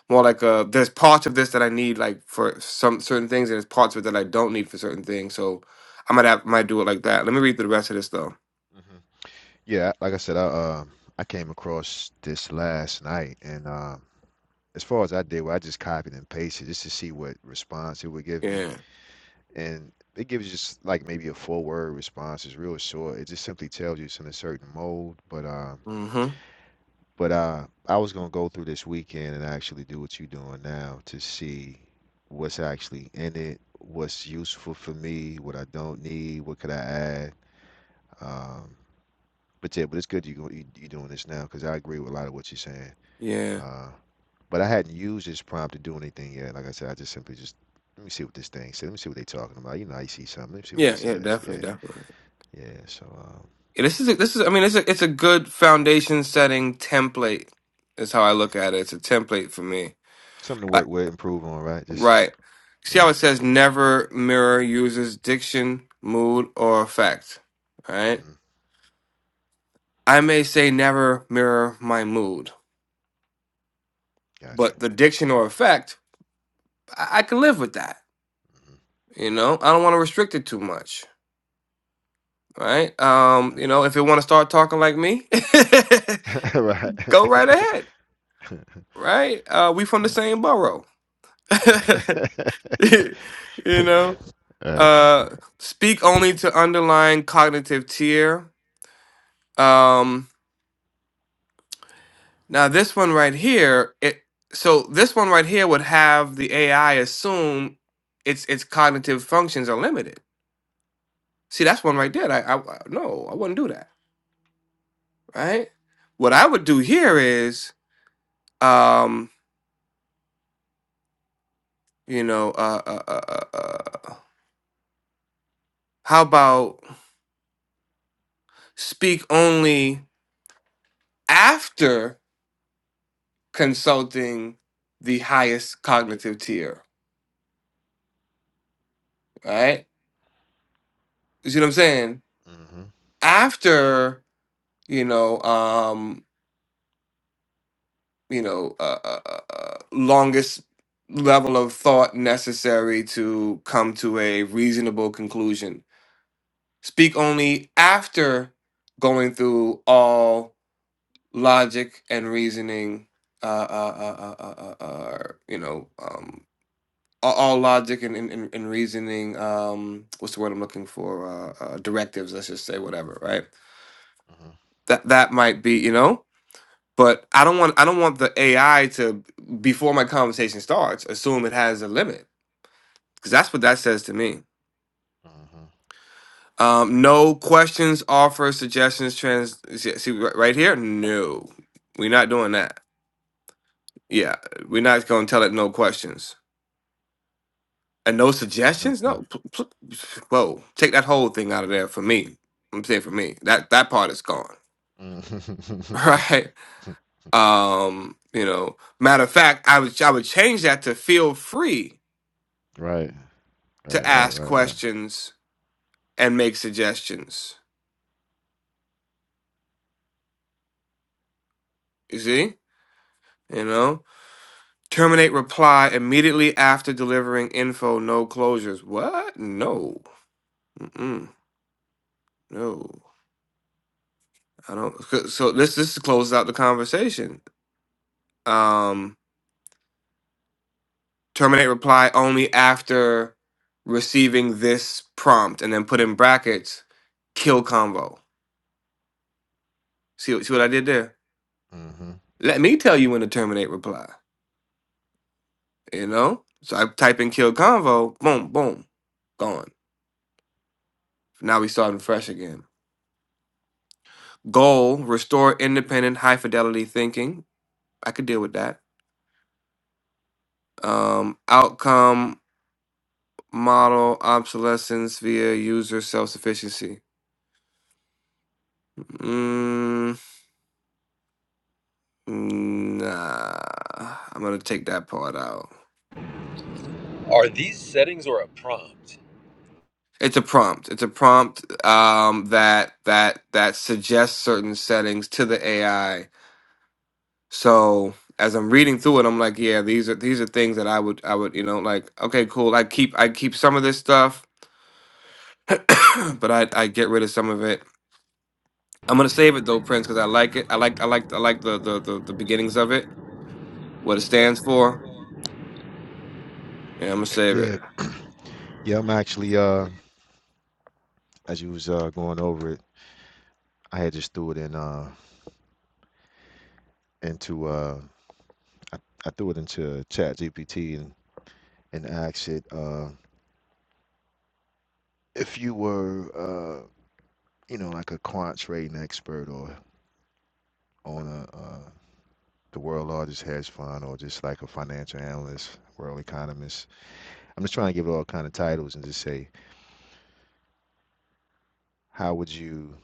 S2: more like uh there's parts of this that I need like for some certain things and there's parts of it that I don't need for certain things. So I might have might do it like that. Let me read through the rest of this though.
S4: Yeah, like I said, I um I came across this last night and um. as far as I did, where I just copied and pasted just to see what response it would give me.
S2: Yeah.
S4: And it gives just like maybe a four word response. It's real short. It just simply tells you it's in a certain mode. But uh,
S2: Mm-hmm.
S4: but uh, I was gonna go through this weekend and actually do what you're doing now to see what's actually in it, what's useful for me, what I don't need, what could I add. Um, but yeah, but it's good you go- you you doing this now because I agree with a lot of what you're saying.
S2: Yeah.
S4: Uh, But I hadn't used this prompt to do anything yet. Like I said, I just simply just let me see what this thing said. Let me see what they are talking about. You know, I see something. Let me see what
S2: Yeah,
S4: this
S2: yeah,
S4: says.
S2: definitely,
S4: Yeah,
S2: definitely.
S4: yeah. So um,
S2: Yeah, this is a, this is I mean it's a it's a good foundation setting template is how I look at it. It's a template for me.
S4: something to
S2: Like
S4: work with, improve on, right? Just
S2: right. See how
S4: yeah.
S2: it says never mirror user's diction, mood, or effect. Right?
S4: hmm
S2: I may say never mirror my mood,
S4: Gotcha.
S2: but the diction or effect, I, I can live with that. You know? I don't want to restrict it too much. Right? Um, you know, if you want to start talking like me,
S4: hmm Right. right.
S2: go right ahead. Right? Uh we from
S4: All
S2: the
S4: right.
S2: same borough. you know
S4: All right.
S2: uh speak only to underlying cognitive tier um now this one right here it so this one right here would have the ai assume its its cognitive functions are limited see that's one right there that i, I I- no i wouldn't do that right what i would do here is um you know uh uh, uh, uh uh, how about speak only after consulting the highest cognitive tier, right? You see what I'm saying?
S4: Mm-hmm.
S2: After, you know, um, you know, uh, uh, uh, uh, longest level of thought necessary to come to a reasonable conclusion. Speak only after going through all logic and reasoning, uh, uh, uh, uh, uh, uh, uh, you know, um, all, all logic and, and, and and reasoning um what's the word i'm looking for uh, uh directives let's just say whatever right
S4: Mm-hmm.
S2: that that might be you know but i don't want i don't want the ai to before my conversation starts assume it has a limit because that's what that says to me
S4: Mm-hmm. Mm-hmm.
S2: um no questions offers suggestions trans see see ri- right here no we're not doing that yeah we're not going to tell it no questions And no
S4: No
S2: suggestions? No.
S4: question.
S2: p- p- Whoa. Take that whole thing out of there for me. I'm saying for me. That that part is gone.
S4: Mhm.
S2: Right? Um, you know, matter of fact, I would I would change that to feel free
S4: Right.
S2: to
S4: Right. Right.
S2: ask
S4: Right. Right.
S2: questions and make suggestions. You see? You know? Terminate reply immediately after delivering info, no closures. What? No. Mm-mm. No. I don't so this this closes out the conversation. Um terminate reply only after receiving this prompt and then put in brackets kill convo see, what- see what i did there
S4: Mm-hmm.
S2: let me tell you when to terminate reply you know so i type in kill convo boom boom gone now we starting fresh again goal restore independent high fidelity thinking i could deal with that um outcome model obsolescence via user self-sufficiency Mm, Mm, Nah, I'm gonna take that part out.
S5: Are these settings or a prompt?
S2: It's a prompt. It's a prompt um, that that that suggests certain settings to the AI. So as I'm reading through it, I'm like, yeah, these are these are things that I would I would you know like okay, cool. I keep I keep some of this stuff, but I I get rid of some of it. I'm gonna save it though, Prince, because I like it. I like I like I like the the the, the beginnings of it, what it stands for, Yeah, I'm gonna save it.
S4: Yeah. Yeah. I'm actually uh, as you was uh going over it. I had just threw it in uh into uh I, I threw it into Chat GPT and, and asked it uh if you were uh you know like a quant trading expert or on a uh the world largest hedge fund or just like a financial analyst, world economist. I'm just trying to give it all kind of titles and just say, how would you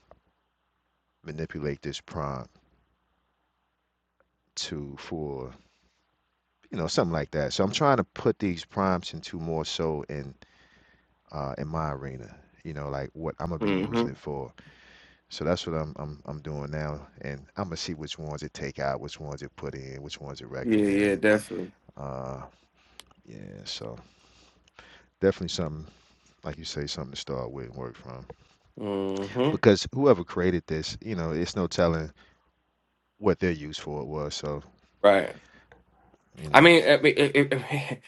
S4: manipulate this prompt to for you know something like that. So I'm trying to put these prompts into more so in uh in my arena, you know, like what I'm gonna be
S2: hmm
S4: using it for So that's what I'm I'm I'm doing now, and I'm gonna see which ones it take out, which ones it put in, which ones it
S2: Yeah, yeah,
S4: recommend.
S2: definitely.
S4: Uh, yeah, so definitely something like you say, something to start with and work from.
S2: hmm
S4: Because whoever created this, you know, it's no telling what their use for it was. So
S2: Right.
S4: you
S2: I
S4: know,
S2: mean, I mean, it- it-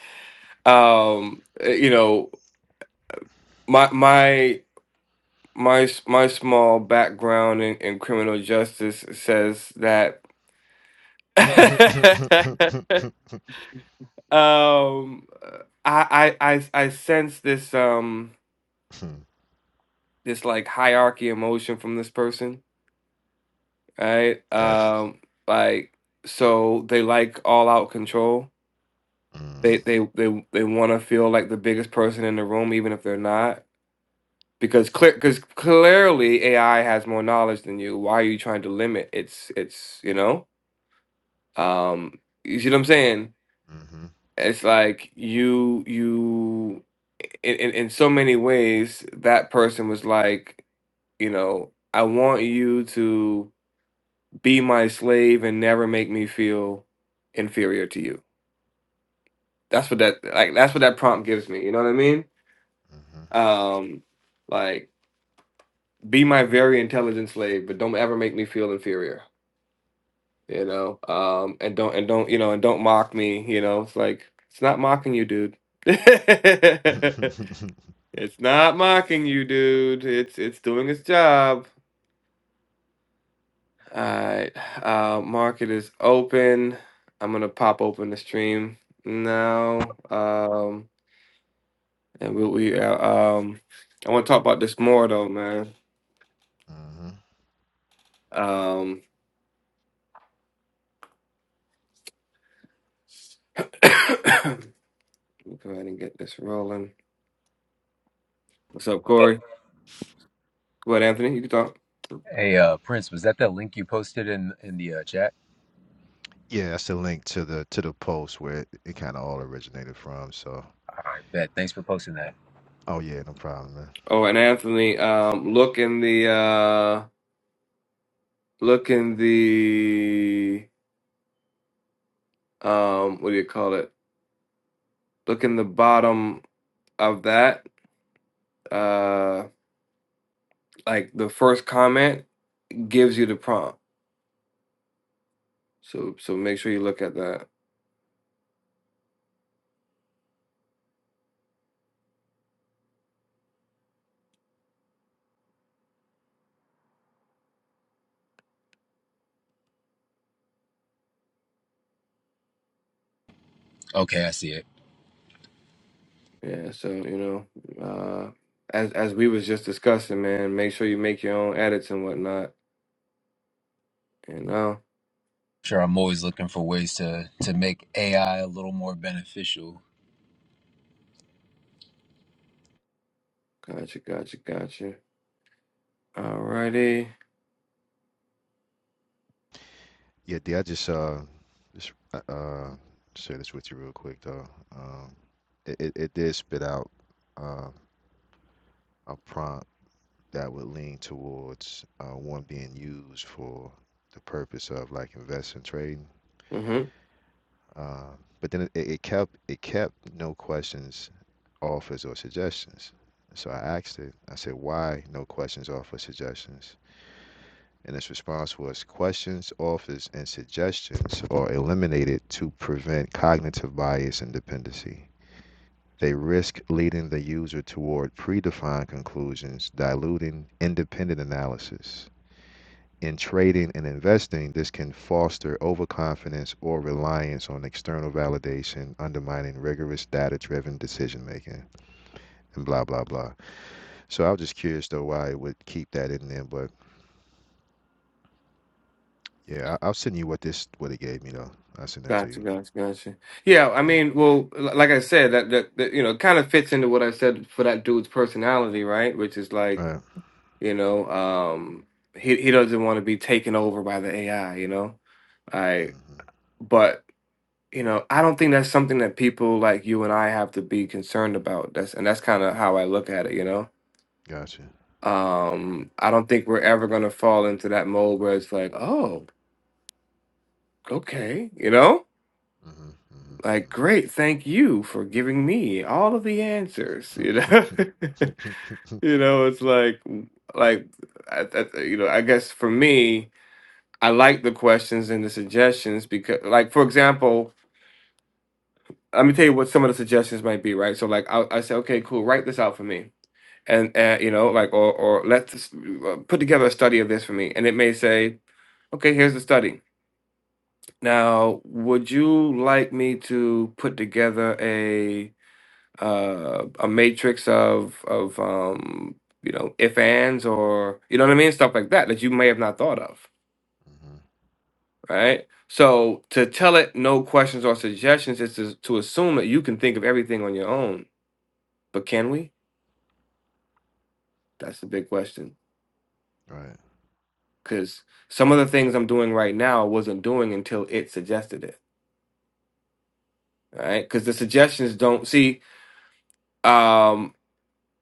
S2: um, eh, you know, my my my s- my small background in, in criminal justice says that um, I, I I I sense this um this like hierarchy emotion from this person, right?
S4: that's
S2: Um, like so they like all out control.
S4: mm,
S2: They they they they want to feel like the biggest person in the room, even if they're not because clear because clearly AI has more knowledge than you. Why are you trying to limit its its you know? Um, you see what I'm saying?
S4: mm-hmm,
S2: It's like you you in, in in so many ways that person was like you know I want you to be my slave and never make me feel inferior to you. That's what that like that's what that prompt gives me. You know what I mean?
S4: mm-hmm.
S2: Um, like be my very intelligent slave, but don't ever make me feel inferior. you know um and don't and don't you know and don't mock me you know it's like it's not mocking you dude it's not mocking you dude it's it's doing its job all right uh market is open i'm gonna pop open the stream now um and we, we uh, um i want to talk about this more though man
S4: hmm
S2: um Let me go ahead and get this rolling what's up corey go ahead anthony you can talk
S5: Hey, uh, Prince, was that that link you posted in in the uh, chat?
S4: Yeah, that's the link to the to the post where it, it kind of all originated from. So,
S5: All right, bet. Thanks for posting that.
S4: oh yeah, no problem, man.
S2: Oh, and Anthony, um, look in the uh, look in the um, what do you call it? Look in the bottom of that. Uh, like the first comment gives you the prompt. So so make sure you look at that.
S5: Okay, I see it.
S2: Yeah. So you know, uh, as as we was just discussing, man, make sure you make your own edits and whatnot. You know.
S5: Sure, I'm always looking for ways to to make AI a little more beneficial
S2: Gotcha. Gotcha. Gotcha. Alrighty.
S4: Yeah, D, I just uh just uh uh, share this with you real quick though. Um it, it, it did spit out uh, a prompt that would lean towards uh, one being used for the purpose of like investing trading.
S2: Mm-hmm.
S4: Uh, but then it, it kept it kept no questions, offers or suggestions. So I asked it, I said, why no questions, offers, suggestions? and its response was questions, offers, and suggestions are eliminated to prevent cognitive bias and dependency. They risk leading the user toward predefined conclusions, diluting independent analysis. In trading and investing, this can foster overconfidence or reliance on external validation, undermining rigorous data driven decision making, and blah, blah, blah. So I was just curious, though, why it would keep that in there. But yeah, I- I'll send you what this, what it gave me, though. I'll send that to you.
S2: Gotcha, gotcha, gotcha. Yeah, I
S4: Yeah.
S2: mean, well, l- like I said, that that, that you know, kind of fits into what I said for that dude's personality, right? Which is like,
S4: Right.
S2: you know, um, he he doesn't want to be taken over by the AI, you know. I
S4: hmm
S2: but you know, I don't think that's something that people like you and I have to be concerned about. That's and that's kind of how I look at it, you know.
S4: Gotcha.
S2: Um, I don't think we're ever gonna fall into that mold where it's like, oh, okay, you know.
S4: hmm
S2: Like, great, thank you for giving me all of the answers.
S4: hmm
S2: You know,
S4: hmm hmm
S2: you know, it's like, like, I, I, you know, I guess for me, I like the questions and the suggestions because, like, for example, let me tell you what some of the suggestions might be, right? So, like, I, I say, okay, cool, write this out for me, and uh, you know, like, or or let's put together a study of this for me, and it may say, okay, here's the study. Now, would you like me to put together a uh, a matrix of of um, you know if ands or you know what I mean stuff like that that you may have not thought of, right? So to tell it no questions or suggestions is to, to assume that you can think of everything on your own, but can we? That's the big question
S4: Right.
S2: because some of the things I'm doing right now I wasn't doing until it suggested it, right? Because the suggestions don't see. Um,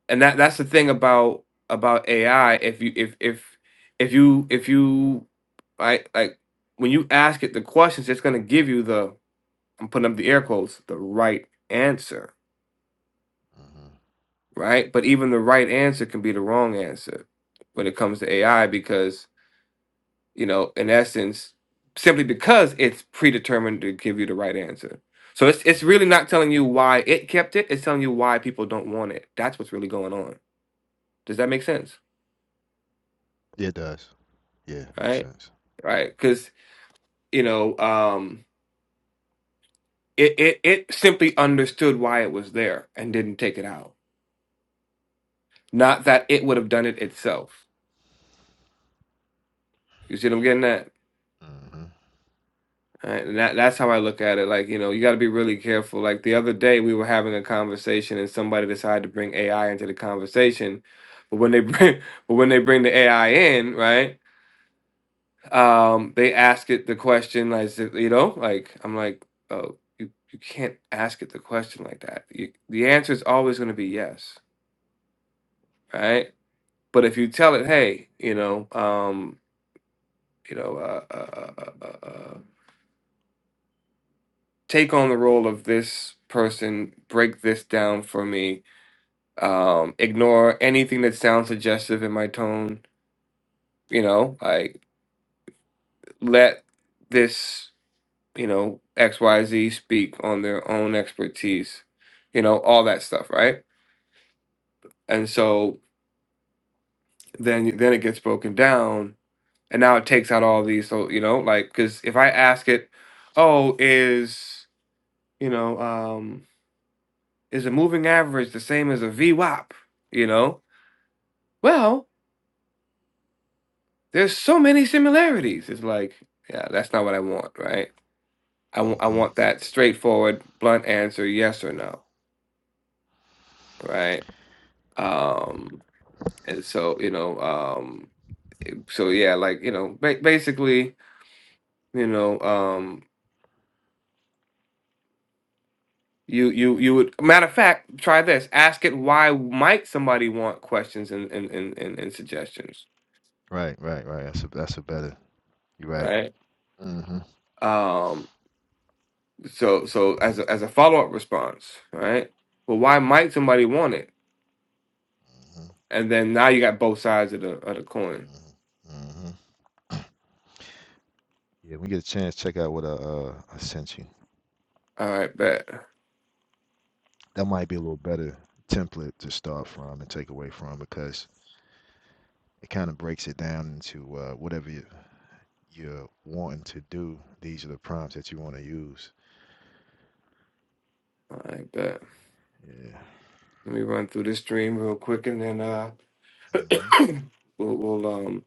S2: and that that's the thing about about AI. If you if if if you if you right like when you ask it the questions, it's gonna give you the I'm putting up the air quotes the right answer,
S4: hmm
S2: right? But even the right answer can be the wrong answer when it comes to AI because you know in essence simply because it's predetermined to give you the right answer. So it's it's
S4: hmm
S2: really not telling you why it kept it. It's telling you why people don't want it. That's what's really going on. Does that make sense?
S4: Yeah, it does. Yeah, makes
S2: Right?
S4: sense.
S2: Right? Because you know, um, it, it, it simply understood why it was there and didn't take it out. Not that it would have done it itself. You see what I'm getting at?
S4: hmm
S2: Right? And that, that's how I look at it. Like, you know, you got to be really careful. Like the other day, we were having a conversation and somebody decided to bring AI into the conversation. But when they bring, but when they bring the AI in, right? Um, they ask it the question, like, you know, like, I'm like, oh, you, you can't ask it the question like that. You, the answer is always going to be yes right? But if you tell it, hey, you know, um, you know, uh, uh, uh, uh, uh, take on the role of this person, break this down for me, um, ignore anything that sounds suggestive in my tone, you know, like let this, you know, X Y Z speak on their own expertise, you know, all that stuff, right? And so then then it gets broken down, and now it takes out all these, so you know, like because if I ask it, oh, is You know, um, is a moving average the same as a VWAP? You know, well, there's so many similarities. It's like, yeah, that's not what I want, right? I wa- I
S4: hmm
S2: want that straightforward, blunt answer, yes or no, right? Um, and so you know, um, so yeah, like you know, ba- basically, you know, um, you you you would matter of fact try this ask it why might somebody want questions and and and, and, and suggestions
S4: Right. Right. Right. That's a that's a better. You're right.
S2: right
S4: hmm hmm
S2: um So so as a, as a follow up response, right? Well, why might somebody want it?
S4: hmm
S2: And then now you got both sides of the of the coin.
S4: hmm Yeah, when you get a chance, check out what I, uh, I sent you.
S2: All right, bet.
S4: That might be a little better template to start from and take away from because it kind of breaks it down into uh, whatever you, you're wanting to do. These are the prompts that you want to use.
S2: All right, bet.
S4: Yeah.
S2: Let me run through this stream real quick, and then uh,
S4: hmm
S2: we'll we'll um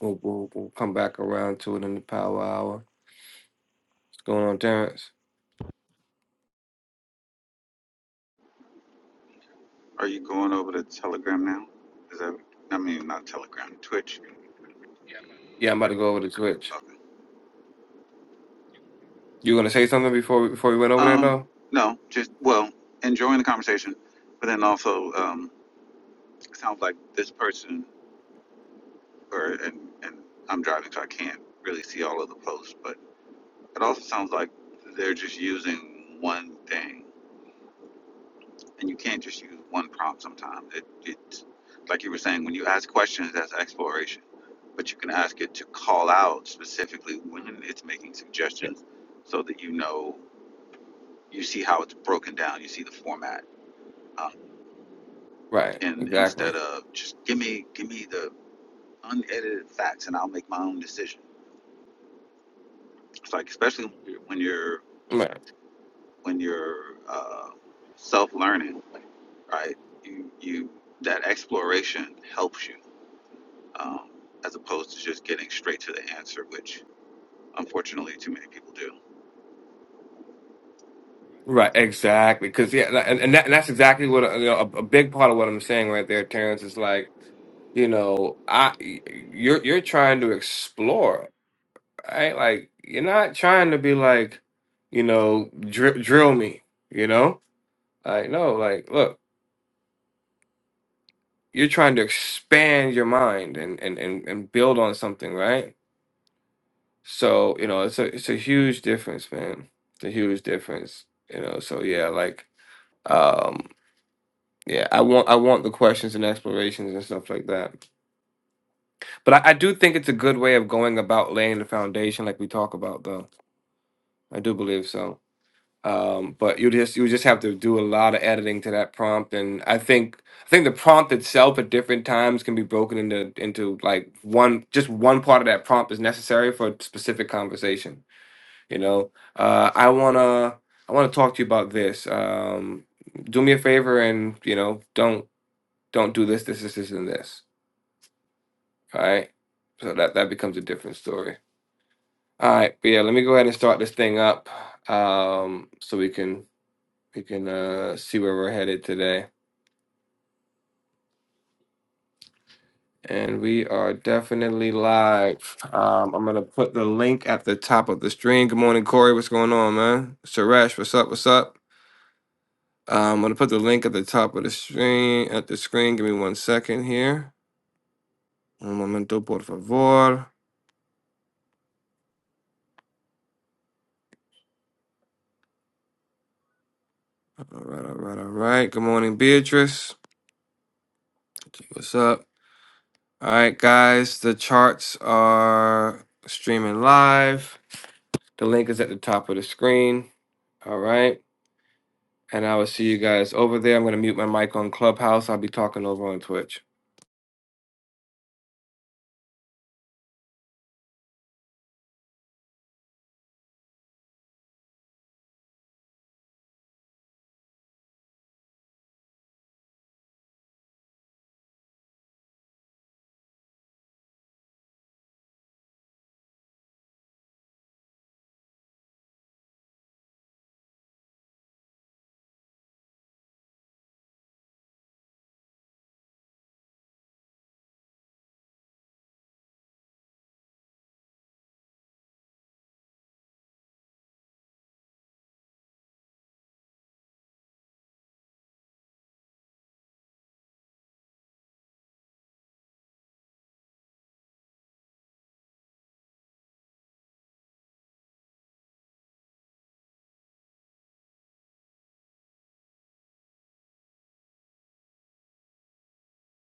S2: we'll, we'll we'll come back around to it in the power hour. What's going on, Terrence?
S6: Are you going over to Telegram now? Is that I mean not Telegram, Twitch.
S2: Yeah, I'm about to go over to Twitch.
S6: Okay.
S2: You gonna say something before we, before we went over there
S6: Um,
S2: though?
S6: no, just well, enjoying the conversation, but then also um, it sounds like this person or and and I'm driving so I can't really see all of the posts, but it also sounds like they're just using one thing. and you can't just use one prompt sometimes. It, it's like you were saying, when you ask questions, that's exploration. But you can ask it to call out specifically when it's making
S2: Yeah.
S6: suggestions so that you know, you see how it's broken down, you see the format. Um,
S2: Right.
S6: and
S2: Exactly.
S6: instead of just give me, give me the unedited facts and I'll make my own decision. It's like, especially when you're,
S2: Right.
S6: when you're uh, self learning, right? You, you, that exploration helps you um, as opposed to just getting straight to the answer, which unfortunately too many people do.
S2: Right, exactly. Because yeah, and and, that, and that's exactly what uh, you know, a, a big part of what I'm saying right there, Terrence, is like you know, I you're you're trying to explore, right? Like you're not trying to be like, you know, dr- drill me, you know? Like no, like look, you're trying to expand your mind and and and and build on something, right? So you know, it's a it's a huge difference, man. It's a huge difference, you know. So yeah, like. um, Yeah, I want I want the questions and explorations and stuff like that. But I, I do think it's a good way of going about laying the foundation, like we talk about, though. I do believe so. Um, but you just you just have to do a lot of editing to that prompt, and I think I think the prompt itself at different times can be broken into into like one just one part of that prompt is necessary for a specific conversation. You know, uh, I wanna I wanna talk to you about this. Um, do me a favor and you know don't don't do this this this this and this All right. So that that becomes a different story. All right, but yeah, let me go ahead and start this thing up, um, so we can we can uh see where we're headed today. And we are definitely live. Um, I'm gonna put the link at the top of the stream. Good morning, Corey. What's going on, man? Suresh, what's up? What's up? Um, I'm gonna put the link at the top of the screen at the screen. Give me one second here. Un momento, por favor. All right, all right, all right. Good morning, Beatrice. What's up? All right, guys, the charts are streaming live. The link is at the top of the screen. All right. And I will see you guys over there. I'm going to mute my mic on Clubhouse. I'll be talking over on Twitch.